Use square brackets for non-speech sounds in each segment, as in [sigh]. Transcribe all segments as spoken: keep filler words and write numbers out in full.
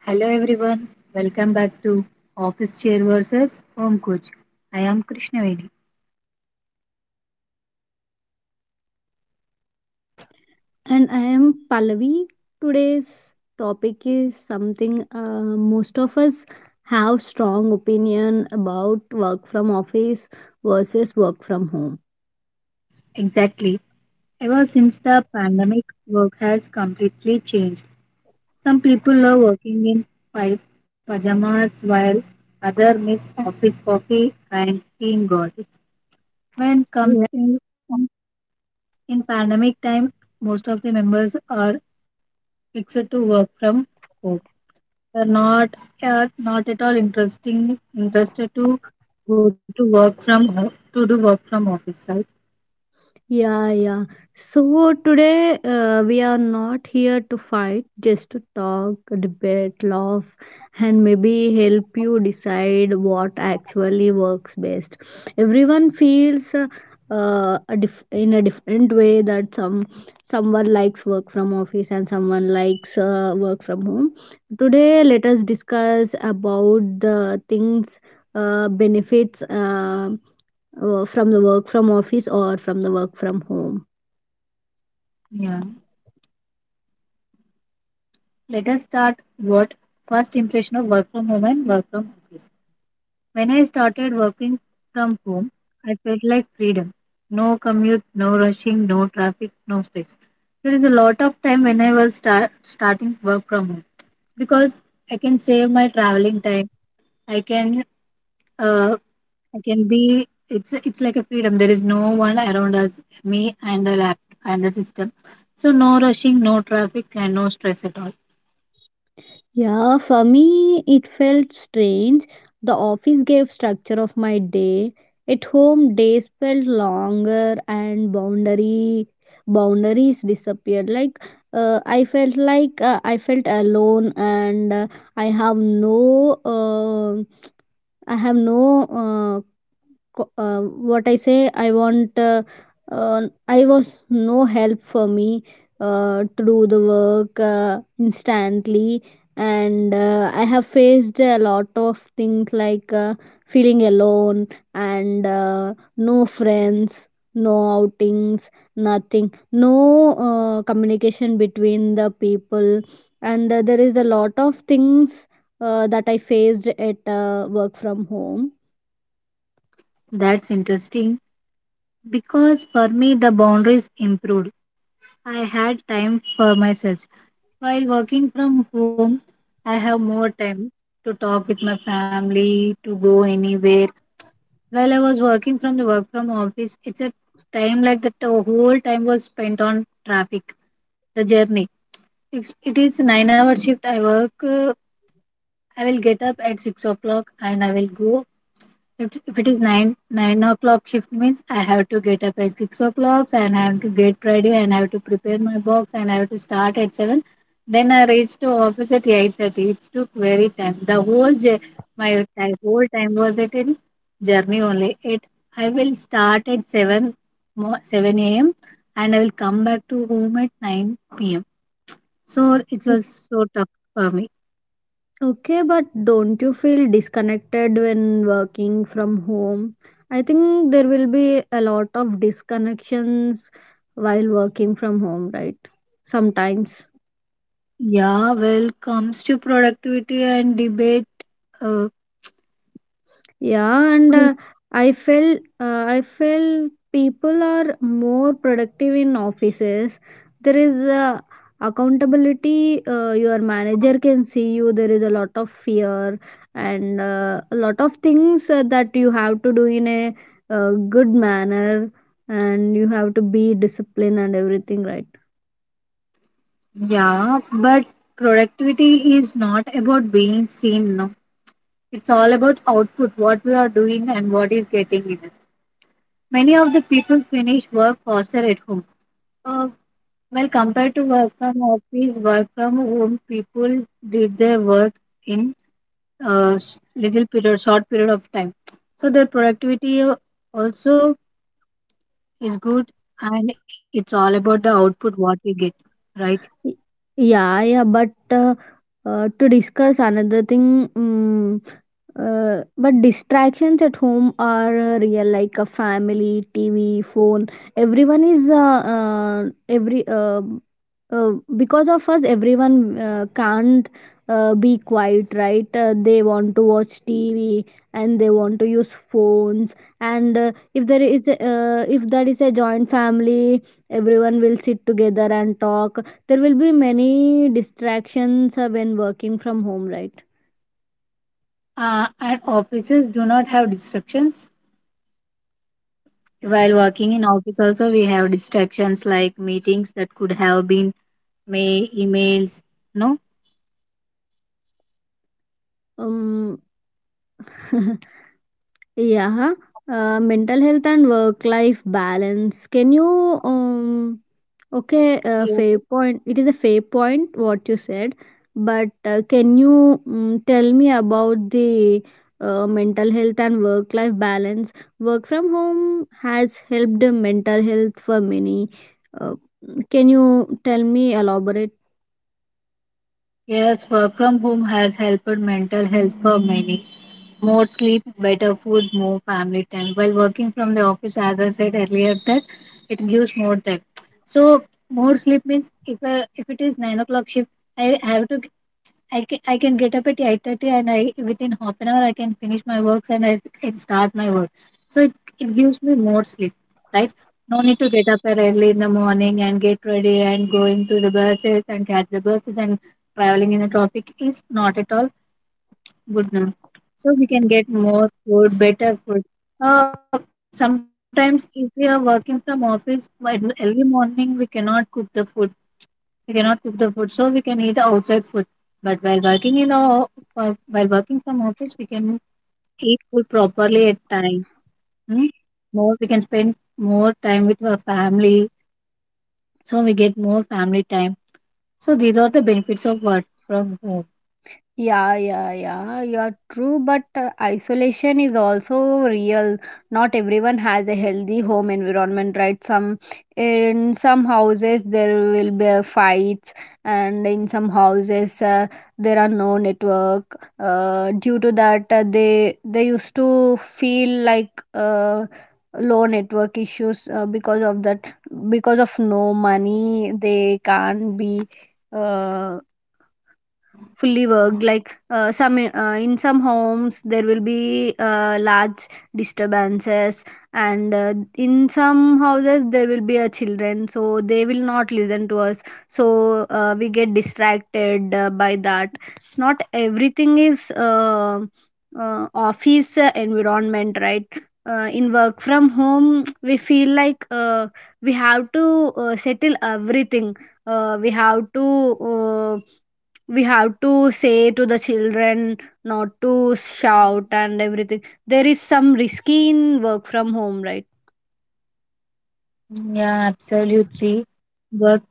Hello everyone, welcome back to Office Chair versus Home Coach. I am Krishnaveni. And I am Pallavi. Today's topic is something uh, most of us have strong opinion about work from office versus work from home. Exactly. Ever since the pandemic, work has completely changed. Some people are working in pi- pajamas while others miss office coffee and team gossips. When comes in, in pandemic time, most of the members are fixed to work from home are not at not at all interesting interested to go to work from ho- to do work from office, right? Yeah, yeah. So today uh, we are not here to fight, just to talk, debate, laugh, and maybe help you decide what actually works best. Everyone feels uh, uh, a dif- in a different way that some someone likes work from office and someone likes uh, work from home. Today, let us discuss about the things, uh, benefits. Um uh, from the work from office or from the work from home. Yeah. Let us start what first impression of work from home and work from office. When I started working from home, I felt like freedom. No commute, no rushing, no traffic, no stress. There is a lot of time when I was start, starting work from home because I can save my traveling time. I can uh, I can be. It's it's like a freedom. There is no one around us, me and the lap and the system. So no rushing, no traffic, and no stress at all. Yeah, for me it felt strange. The office gave structure of my day. At home days felt longer and boundary boundaries disappeared. Like uh, I felt like uh, I felt alone, and uh, i have no uh, I have no uh, co- uh, what I say I want uh, uh, I was no help for me uh, to do the work uh, instantly, and uh, I have faced a lot of things like uh, feeling alone, and uh, no friends, no outings, nothing, no uh, communication between the people, and uh, there is a lot of things uh, that I faced at uh, work from home. That's interesting because for me the boundaries improved. I had time for myself. While working from home, I have more time to talk with my family, to go anywhere. While I was working from the work from office, it's a time like that the whole time was spent on traffic, the journey. If it is nine hour shift I work, uh, I will get up at six o'clock and I will go. If, if it is nine nine o'clock shift means I have to get up at six o'clock and I have to get ready and I have to prepare my box and I have to start at seven. Then I reach to office at eight thirty. It took very time. The whole j- my time, whole time was it in journey only. It I will start at seven mo- seven a m and I will come back to home at nine p m. So it was so tough for me. Okay, but don't you feel disconnected when working from home? I think there will be a lot of disconnections while working from home, right? Sometimes. Yeah, well, comes to productivity and debate. Uh, Yeah, and uh, I felt uh, I felt people are more productive in offices. There is uh, accountability. Uh, your manager can see you. There is a lot of fear, and uh, a lot of things uh, that you have to do in a uh, good manner, and you have to be disciplined and everything, right? yeah, but productivity is not about being seen. No, it's all about output, what we are doing and what is getting in it. Many of the people finish work faster at home. Uh, well, compared to work from office, work from home people did their work in a s- little period, short period of time. So their productivity uh, also is good and it's all about the output what we get, right? Y- Yeah, yeah, but uh, uh, to discuss another thing, um, uh, but distractions at home are uh, real, like a family, T V, phone. Everyone is uh, uh, every uh, uh, because of us everyone uh, can't uh, be quiet, right? Uh, they want to watch TV and they want to use phones, and uh, if there is a, uh, if there is a joint family everyone will sit together and talk. There will be many distractions uh, when working from home, right? uh, and offices do not have distractions while working in office also we have distractions like meetings that could have been may emails no um [laughs] Yeah, uh, mental health and work-life balance. Can you um Okay, uh, fair yes. point. It is a fair point what you said, but uh, can you um, tell me about the uh, mental health and work-life balance? Work from home has helped mental health for many. Uh, can you tell me elaborate? Yes, work from home has helped mental health for many. More sleep, better food, more family time. While working from the office, as I said earlier, that it gives more time. So more sleep means if uh, if it is nine o'clock shift, I have to I can I can get up at eight thirty and I within half an hour I can finish my works and I can start my work. So it, it gives me more sleep, right? No need to get up early in the morning and get ready and going to the buses and catch the buses and traveling in the traffic is not at all good now. So we can get more food, better food. Uh, sometimes if we are working from office by early morning we cannot cook the food we cannot cook the food, so we can eat outside food. But while working in a while working from office, we can eat food properly at time. Hmm? More we can spend more time with our family, so we get more family time. So these are the benefits of work from home. Yeah, yeah, yeah, you're true, but uh, isolation is also real. Not everyone has a healthy home environment, right? Some In some houses there will be uh, fights, and in some houses uh, there are no network. Uh, due to that, uh, they they used to feel like uh, low network issues uh, because of that. Because of no money, they can't be uh fully worked. Like uh, some uh, in some homes there will be uh, large disturbances, and uh, in some houses there will be a children, so they will not listen to us. So uh, we get distracted uh, by that. Not everything is uh, uh, office uh, environment, right? Uh, in work from home, [tsk] we feel like uh, we have to uh, settle everything. Uh, we have to uh, we have to say to the children not to shout and everything. There is some risky in work from home, right? Yeah, absolutely. Work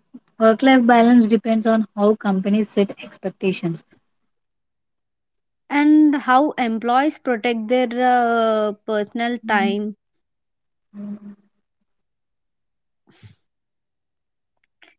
work life balance depends on how companies set expectations. And how employees protect their uh, personal time,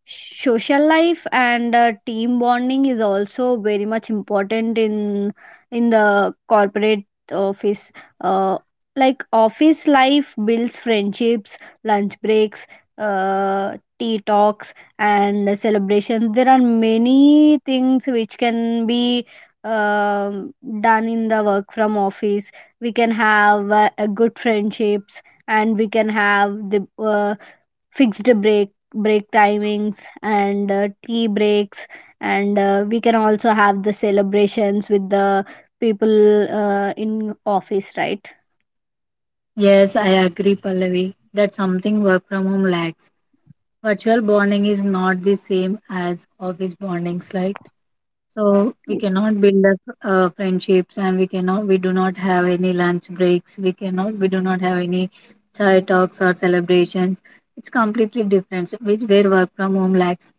social life, and uh, team bonding is also very much important in in the corporate office. uh, like office life builds friendships, lunch breaks, uh, tea talks, and celebrations. There are many things which can be um, done in the work from office. We can have uh, a good friendships, and we can have the uh, fixed break break timings, and uh, tea breaks, and uh, we can also have the celebrations with the people uh, in office, right? Yes, I agree, Pallavi. That something work from home lacks. Virtual bonding is not the same as office bondings, right? So we cannot build up uh, friendships and we cannot we do not have any lunch breaks, we cannot we do not have any chai talks or celebrations. It's completely different, so which where work from home lacks.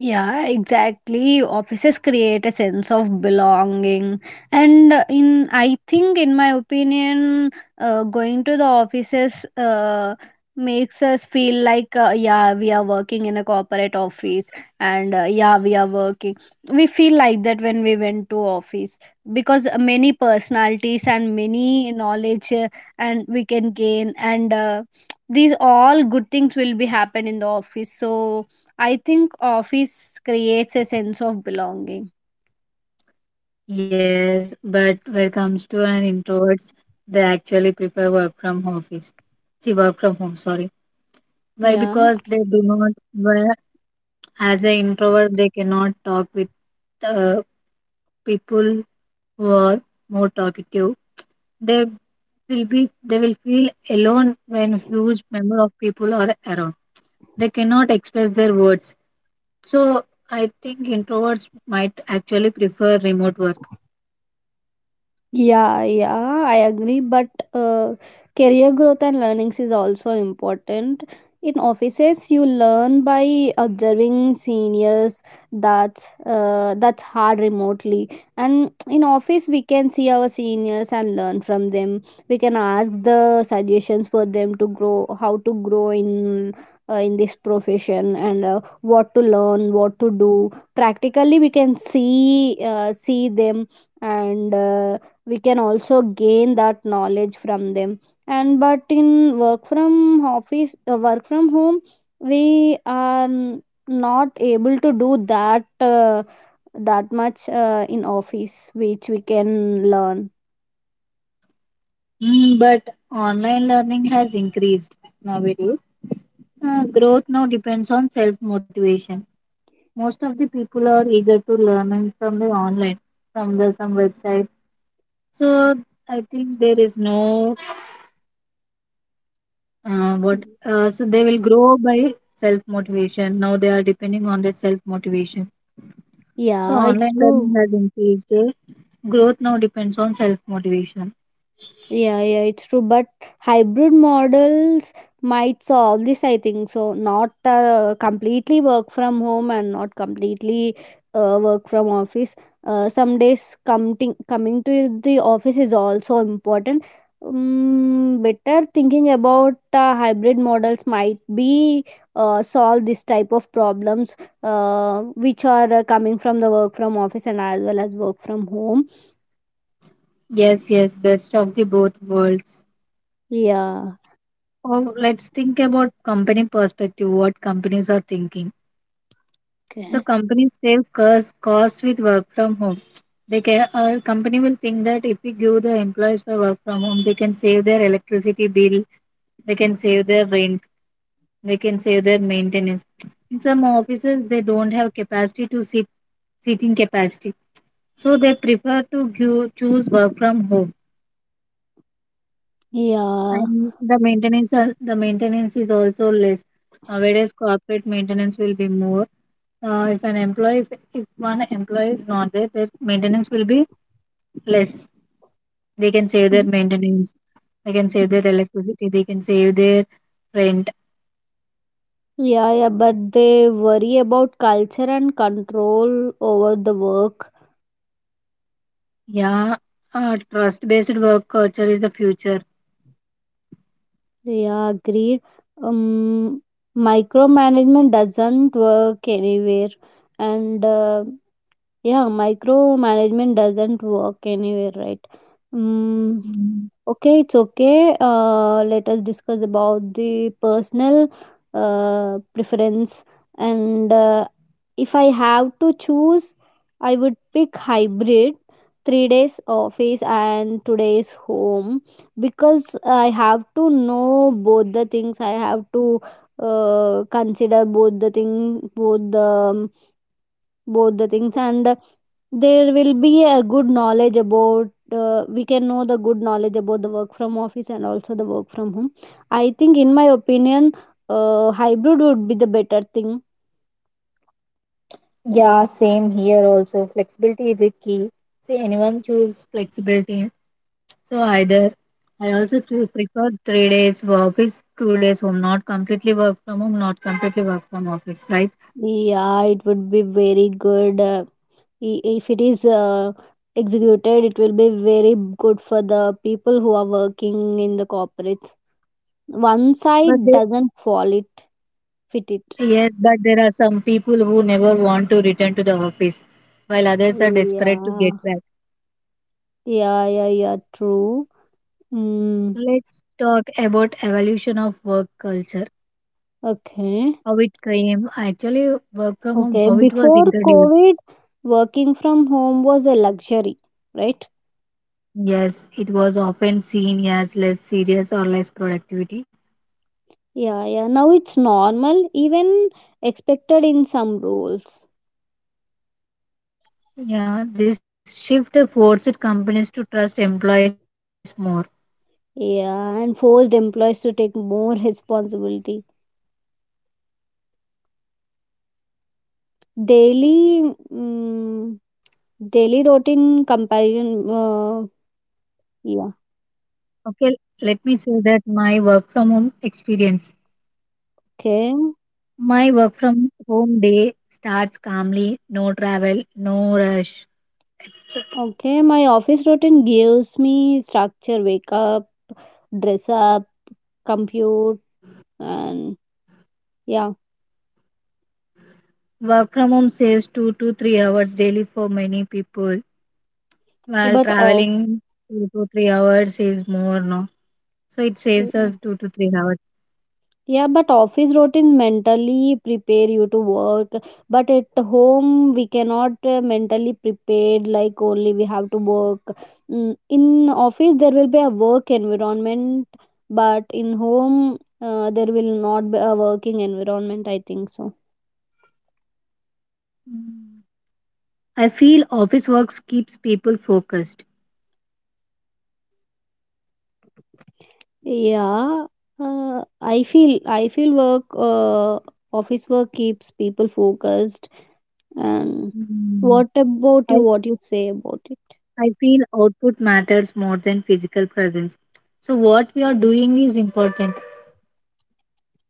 Yeah, exactly. Offices create a sense of belonging, and uh, in I think, in my opinion, uh, going to the offices uh, makes us feel like, uh, yeah, we are working in a corporate office, and uh, yeah, we are working. We feel like that when we went to office, because many personalities and many knowledge uh, and we can gain, and uh, these all good things will be happen in the office. So I think office creates a sense of belonging. Yes, but when it comes to an introverts, they actually prefer work from office. See, work from home, sorry. Why? Yeah. Because they do not, well, as an introvert they cannot talk with uh, people who are more talkative. They will be they will feel alone when huge number of people are around. They cannot express their words. So I think introverts might actually prefer remote work. Yeah, yeah, I agree. But uh, career growth and learnings is also important. In offices, you learn by observing seniors. That's uh, that's hard remotely. And in office, we can see our seniors and learn from them. We can ask the suggestions for them to grow, how to grow in uh, in this profession, and uh, what to learn, what to do. Practically, we can see uh, see them and. Uh, we can also gain that knowledge from them. And but in work from office uh, work from home we are n- not able to do that uh, that much uh, in office which we can learn. Mm, but online learning has increased nowadays. Uh, growth now depends on self motivation. Most of the people are eager to learn from the online, from the some website. So I think there is no Uh, what uh, so they will grow by self motivation. Now they are depending on their self motivation. So Yeah, online it's learning true. has increased. Eh? Growth now depends on self motivation. Yeah, yeah, it's true. But hybrid models might solve this, I think. So, not uh, completely work from home and not completely uh, work from office. Uh, some days coming coming to the office is also important. Um, better thinking about uh, hybrid models might be uh, solve this type of problems uh, which are uh, coming from the work from office and as well as work from home. Yes, yes, best of the both worlds. Yeah. Or let's think about company perspective. What companies are thinking? So Okay. companies save costs costs with work from home. They can uh, company will think that if we give the employees for work from home, they can save their electricity bill, they can save their rent, they can save their maintenance. In some offices they don't have capacity to sit, seating capacity, so they prefer to gu- choose work from home. Yeah. And the maintenance are- the maintenance is also less. Uh, whereas corporate maintenance will be more uh, if an employee if, if one employee is not there their maintenance will be less. They can save their maintenance, they can save their electricity, they can save their rent. Yeah, yeah, but they worry about culture and control over the work. Yeah. uh, trust based work culture is the future. Yeah, agreed. Um, Micromanagement doesn't work anywhere, and uh, yeah, micromanagement doesn't work anywhere, right? Um, Mm. Okay, it's okay. Uh, let us discuss about the personal uh, preference. And uh, if I have to choose, I would pick hybrid: three days office and two days home, because I have to know both the things. I have to uh, consider both the thing, both the both the things, and there will be a good knowledge about uh, we can know the good knowledge about the work from office and also the work from home. I think in my opinion uh, hybrid would be the better thing. Yeah, same here also. Flexibility is a key. See, anyone choose flexibility. So either I also choose prefer three days wo- office, two days home, not completely work from home, not completely work from office, right? Yeah, it would be very good. Uh, i- if it is uh, executed, it will be very good for the people who are working in the corporates. One But side there, doesn't fall it fit it. yes, but there are some people who never want to return to the office, while others are desperate to get Yeah. back. Yeah, yeah, yeah, true. Mm, Let's talk about evolution of work culture. okay. How it came, actually, work from home, Okay, how it was before introduced. COVID, working from home was a luxury, right? Yes, it was often seen as less serious or less productivity. Yeah, yeah. Now it's normal, even expected in some roles. Yeah, this shift forced companies to trust employees more. Yeah, and forced employees to take more [laughs] responsibility. Daily, mm, daily routine comparison. Uh, yeah. Okay, let me say that my work from home experience. Okay. My work from home day starts calmly, no travel, no rush. So Okay. My office routine gives me structure: wake up, dress up, compute, and yeah. work from home saves two to three hours daily for many people, while But off. traveling two to three hours is more, no? So it saves us two to three hours. Yeah, but office routines mentally prepare you to work. But at home, we cannot uh, mentally prepared, like only we have to work. Mm, in office, there will be a work environment, but in home, uh, there will not be a working environment. I think so. Mm. I feel office works keeps people focused. Yeah, uh, I feel I feel work. Uh, office work keeps people focused. And Mm. what about you? I, What you say about it? I feel output matters more than physical presence. So what we are doing is important,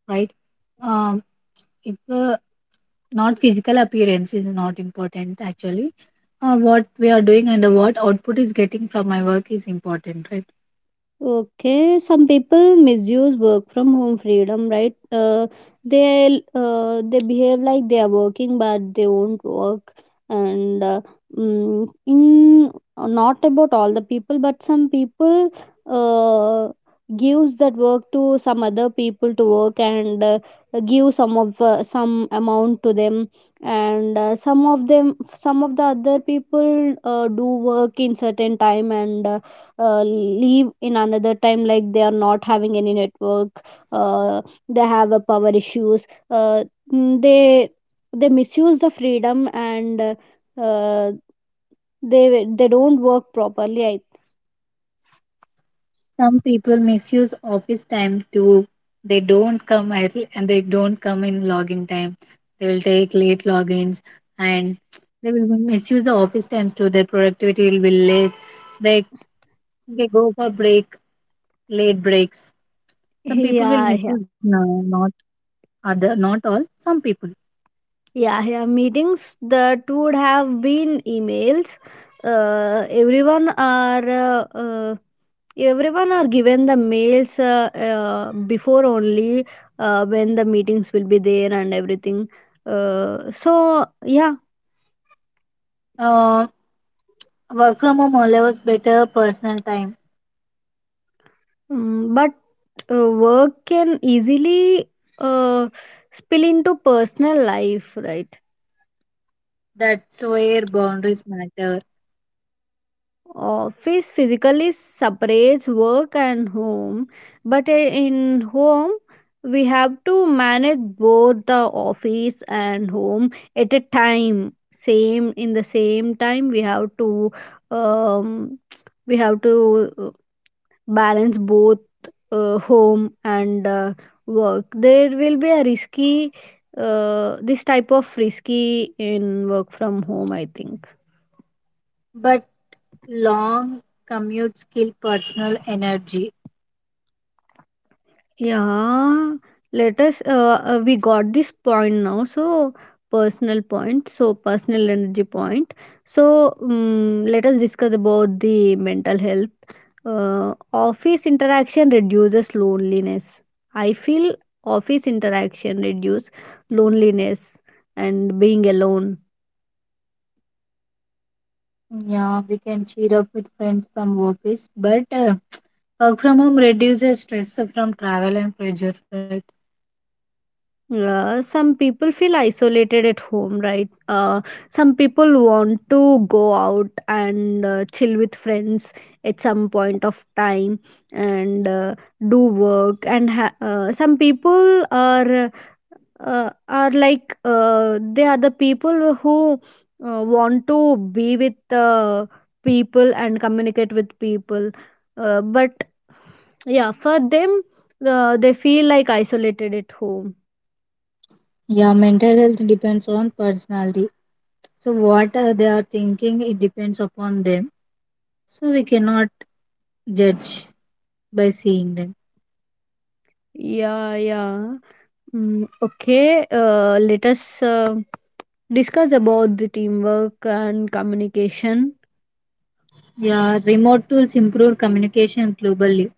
right? Um, if uh, not physical appearance is not important actually, uh, what we are doing and the what output is getting from my work is important, right? Okay, some people misuse work from home freedom, right? Uh, they uh, they behave like they are working, but they won't work. And uh, mm, in uh, not about all the people, but some people uh, gives that work to some other people to work, and uh, give some of uh, some amount to them. And uh, some of them, some of the other people uh, do work in certain time, and. Uh, uh, leave in another time, like they are not having any network. uh, they have a power issues. uh, mm, they they misuse the freedom, and uh, uh, they they don't work properly. I Some people misuse office time too. They don't come early and they don't come in login time. They will take late logins and they will misuse the office times too. Their productivity will be less. They they go for break, late breaks. [laughs] Some people will Yeah, yeah. misuse now, not other, not all. Some people. Yeah, yeah, meetings that would have been emails. Uh, everyone are uh, uh, Everyone are given the mails uh, uh, before only uh, when the meetings will be there and everything. Uh, so yeah, Uh, work from home allows better personal time. mm, but uh, work can easily uh, spill into personal life, right? That's where boundaries matter. Office physically separates work and home, but i- in home, we have to manage both the office and home at a time. Same in the same time, we have to um, [tsk] we have to uh, balance both uh, home and uh, work. There will be a risky uh, this type of risky in work from home, I think. But long commutes kill personal energy. Yeah, let us. Uh, uh, we got this point now. So personal point. So personal energy point. So um, let us discuss about the mental health. Uh, office interaction reduces loneliness. I feel office interaction reduce loneliness and being alone. Yeah, we can cheer up with friends from office, but uh, work from home reduces stress from travel and pressure, right? Uh, some people feel isolated at home, right? Uh, some people want to go out and uh, chill with friends at some point of time, and uh, do work. And ha- uh, some people are uh, are like uh, they are the people who uh, want to be with uh, people and communicate with people, uh, but yeah, for them, uh, they feel like isolated at home. Yeah, mental health depends on personality. So what uh, they are thinking, it depends upon them. So we cannot judge by seeing them. Yeah, yeah. Mm, okay, uh, let us uh, discuss about the teamwork and communication. Yeah, remote tools improve communication globally.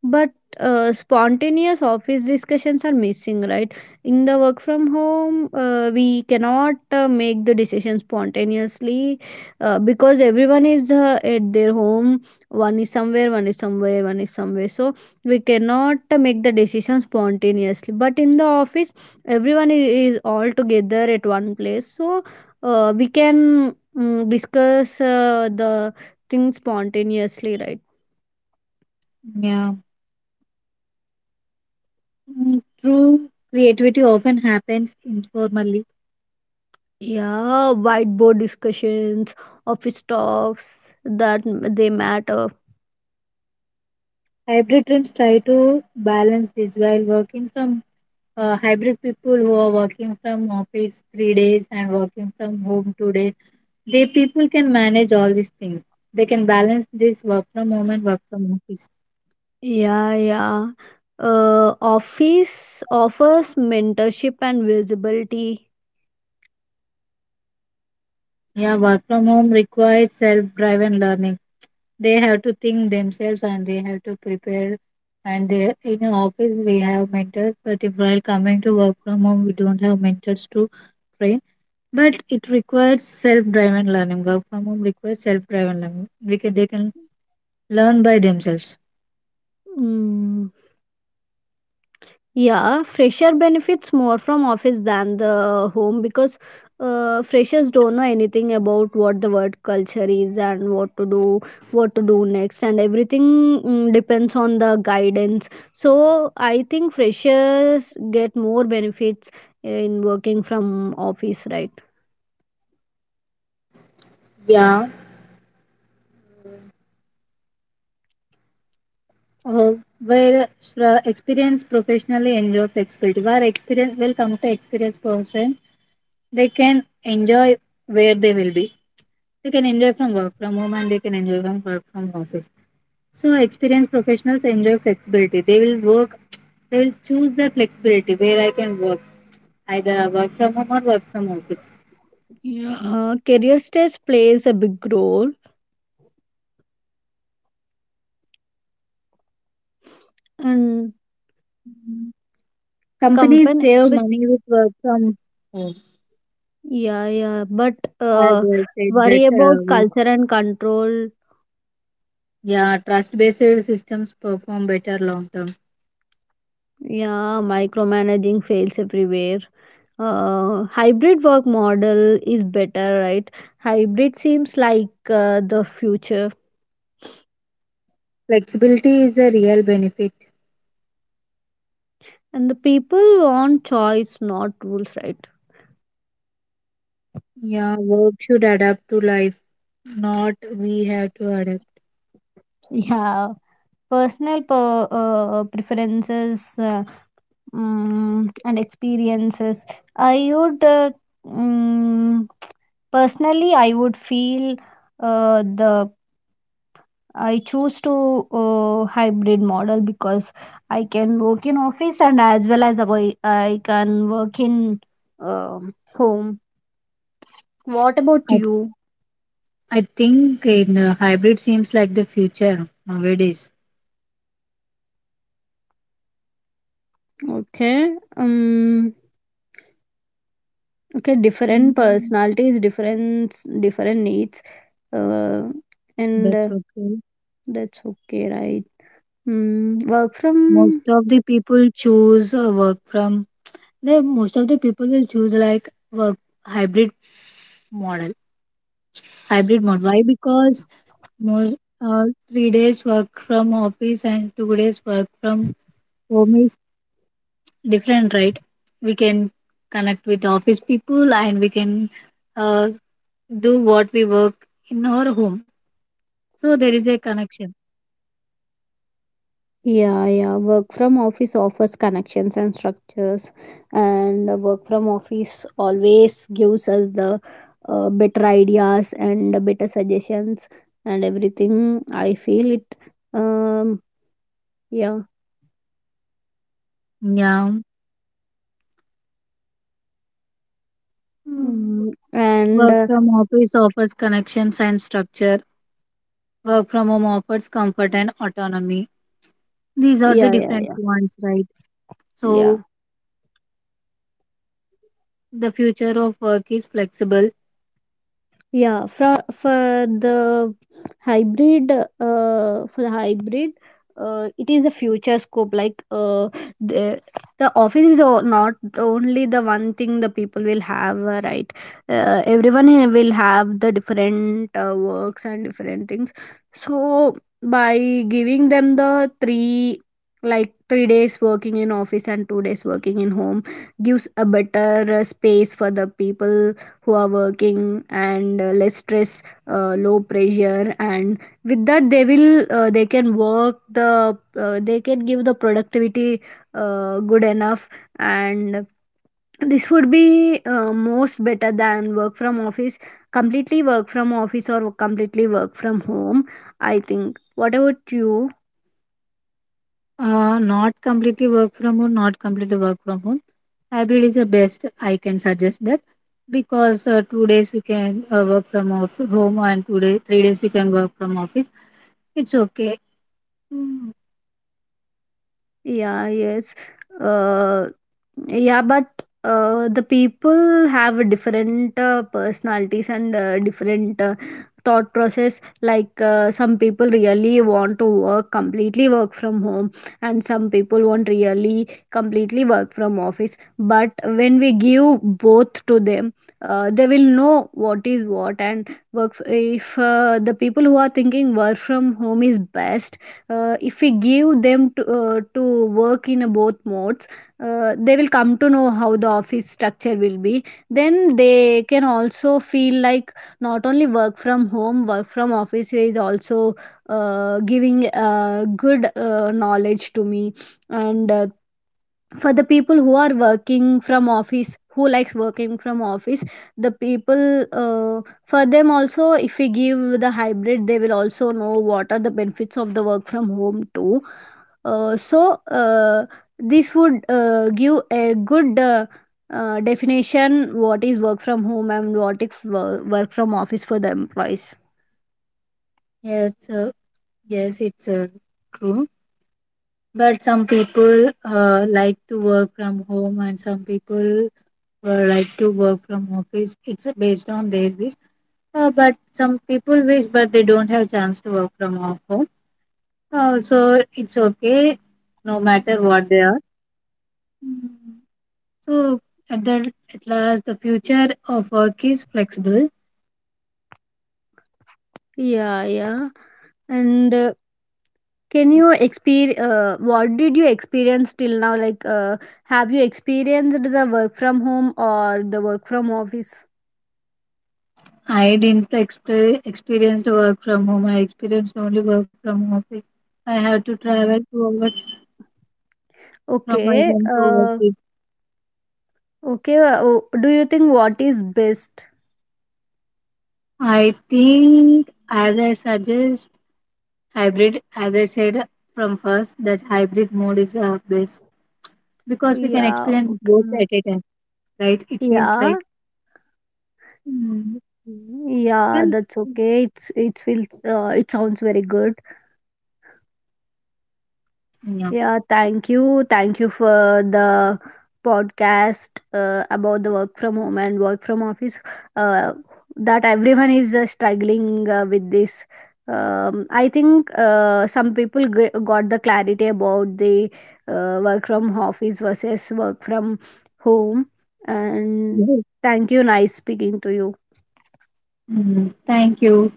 But uh, spontaneous office discussions are missing, right? In the work from home, uh, we cannot uh, make the decision spontaneously, uh, because everyone is uh, at their home. One is somewhere, one is somewhere, one is somewhere, so we cannot uh, make the decision spontaneously, but in the office everyone is, is all together at one place, so uh, we can mm, discuss uh, the things spontaneously, right? Yeah, mm, true creativity often happens informally. Yeah, whiteboard discussions, office talks, that m- they matter. Hybrid teams try to balance this while working from uh, hybrid people who are working from office three days and working from home two days, they people can manage all these things, they can balance this work from home and work from office. Yeah, yeah. Uh, office offers mentorship and visibility. Yeah, work from home requires self driven learning. They have to think themselves and they have to prepare and they, in the office we have mentors but if while coming to work from home we don't have mentors to train, but it requires self driven learning. Work from home requires self driven learning, we can they can learn by themselves. Mm. Yeah, fresher benefits more from office than the home, because uh, freshers don't know anything about what the work culture is and what to do, what to do next, and everything mm, depends on the guidance. So I think freshers get more benefits, eh, in working from office, right? Yeah, uh, where uh, experienced professionally enjoy flexibility. Where experience will come to experienced person, they can enjoy where they will be. They can enjoy from work from home and they can enjoy from work from office. So experienced professionals enjoy flexibility. They will work. They will choose their flexibility where I can work, either I work from home or work from office. Yeah, uh, career stage plays a big role, and Companies company, save bec- money with work from home. yeah, yeah, but As uh, I said that worry about uh, culture and control. Yeah, trust based systems perform better long term. Yeah, micromanaging fails everywhere. Uh, hybrid work model is better, right? Hybrid seems like uh, the future, Flexibility is the real benefit. and the people want choice, not rules, right? Yeah, work should adapt to life, not we have to adapt. Yeah, personal per, uh, preferences uh, mm, and experiences. I would uh, mm, Personally, I would feel uh, the I choose to uh, hybrid model, because I can work in office, and as well as I, I can work in um home. What about I, you? I think in uh, hybrid seems like the future nowadays. Okay. Um. Okay. Different Mm. personalities, different different needs. Uh. And uh, That's okay. that's okay, right? Mm, work Most from of the people choose uh, work from, they most of the people will choose like work hybrid model. Hybrid model. Why? Because more, uh, three days work from office and two days work from home is different, right? We can connect with office people and we can uh, do what we work in our home, so there is a connection. Yeah, yeah. Work from office offers connections and structures, and the work from office always gives us the uh, better ideas and the better suggestions and everything. I feel it. Um. Yeah. Yeah. Mm, Mm, and work uh, from office offers connections and structure, work from home offers comfort and autonomy. These are the Yeah, yeah, different yeah, ones, right? yeah. So the future of work is flexible. Yeah, for for the hybrid, uh, for the hybrid, uh, it is a future scope. Like, uh, the the office is o- not only the one thing the people will have, uh, right? Uh, everyone here will have the different uh, works and different things. So by giving them the three, like three days working in office and two days working in home, gives a better uh, space for the people who are working, and uh, less stress, uh, low pressure, and with that they will uh, they can work the uh, they can give the productivity uh, good enough, and this would be uh, most better than work from office completely work from office or completely work from home. I think. What about you? Uh, not completely work from home, not completely work from home, hybrid is the best. I can suggest that because uh, two days we can uh, work from off home and two days, three days we can work from office. It's okay. Mm. Yeah, yes. Uh, yeah, but uh, the people have different uh, personalities and uh, different uh, thought process. Like, uh, some people really want to work completely work from home, and some people want really completely work from office. But when we give both to them, uh, they will know what is what and work. If uh, the people who are thinking work from home is best, uh, if we give them to, uh, to work in a both modes, uh, they will come to know how the office structure will be. Then they can also feel like not only work from home, work from office is also uh, giving uh, good uh, knowledge to me. And uh, for the people who are working from office, who likes working from office, the people uh, for them also, if we give the hybrid, they will also know what are the benefits of the work from home too. Uh, so uh, this would uh, give a good uh, uh, definition: what is work from home and what is wo- work from office for the employees. Yes. Uh, yes it's uh, true, but some people uh, like to work from home and some people uh, like to work from office. It's uh, based on their wish. Uh, but some people wish, but they don't have chance to work from off home. Uh, so it's okay, no matter what they are. Mm. So at the, at last, the future of work is flexible. Yeah, yeah. And uh, can you experience uh, what did you experience till now? Like, uh, have you experienced the work from home or the work from office? I didn't exp- experienced work from home. I experienced only work from office. I had to travel two hours from my Okay, home to uh, office. okay. uh, oh, do you think what is best? I think, as I suggest, hybrid. As I said from first, that hybrid mode is uh, best because we can Yeah, experience both at okay. a time. Right? It feels Yeah, like. Mm. yeah. Can, That's okay. It's it will. Uh, it sounds very good. yeah. Yeah, thank you. Thank you for the podcast uh, about the work from home and work from office. Uh, that everyone is uh, struggling uh, with this. Um, I think uh, some people g- got the clarity about the uh, work from office versus work from home. And Yes. thank you. Nice speaking to you. Mm, thank you.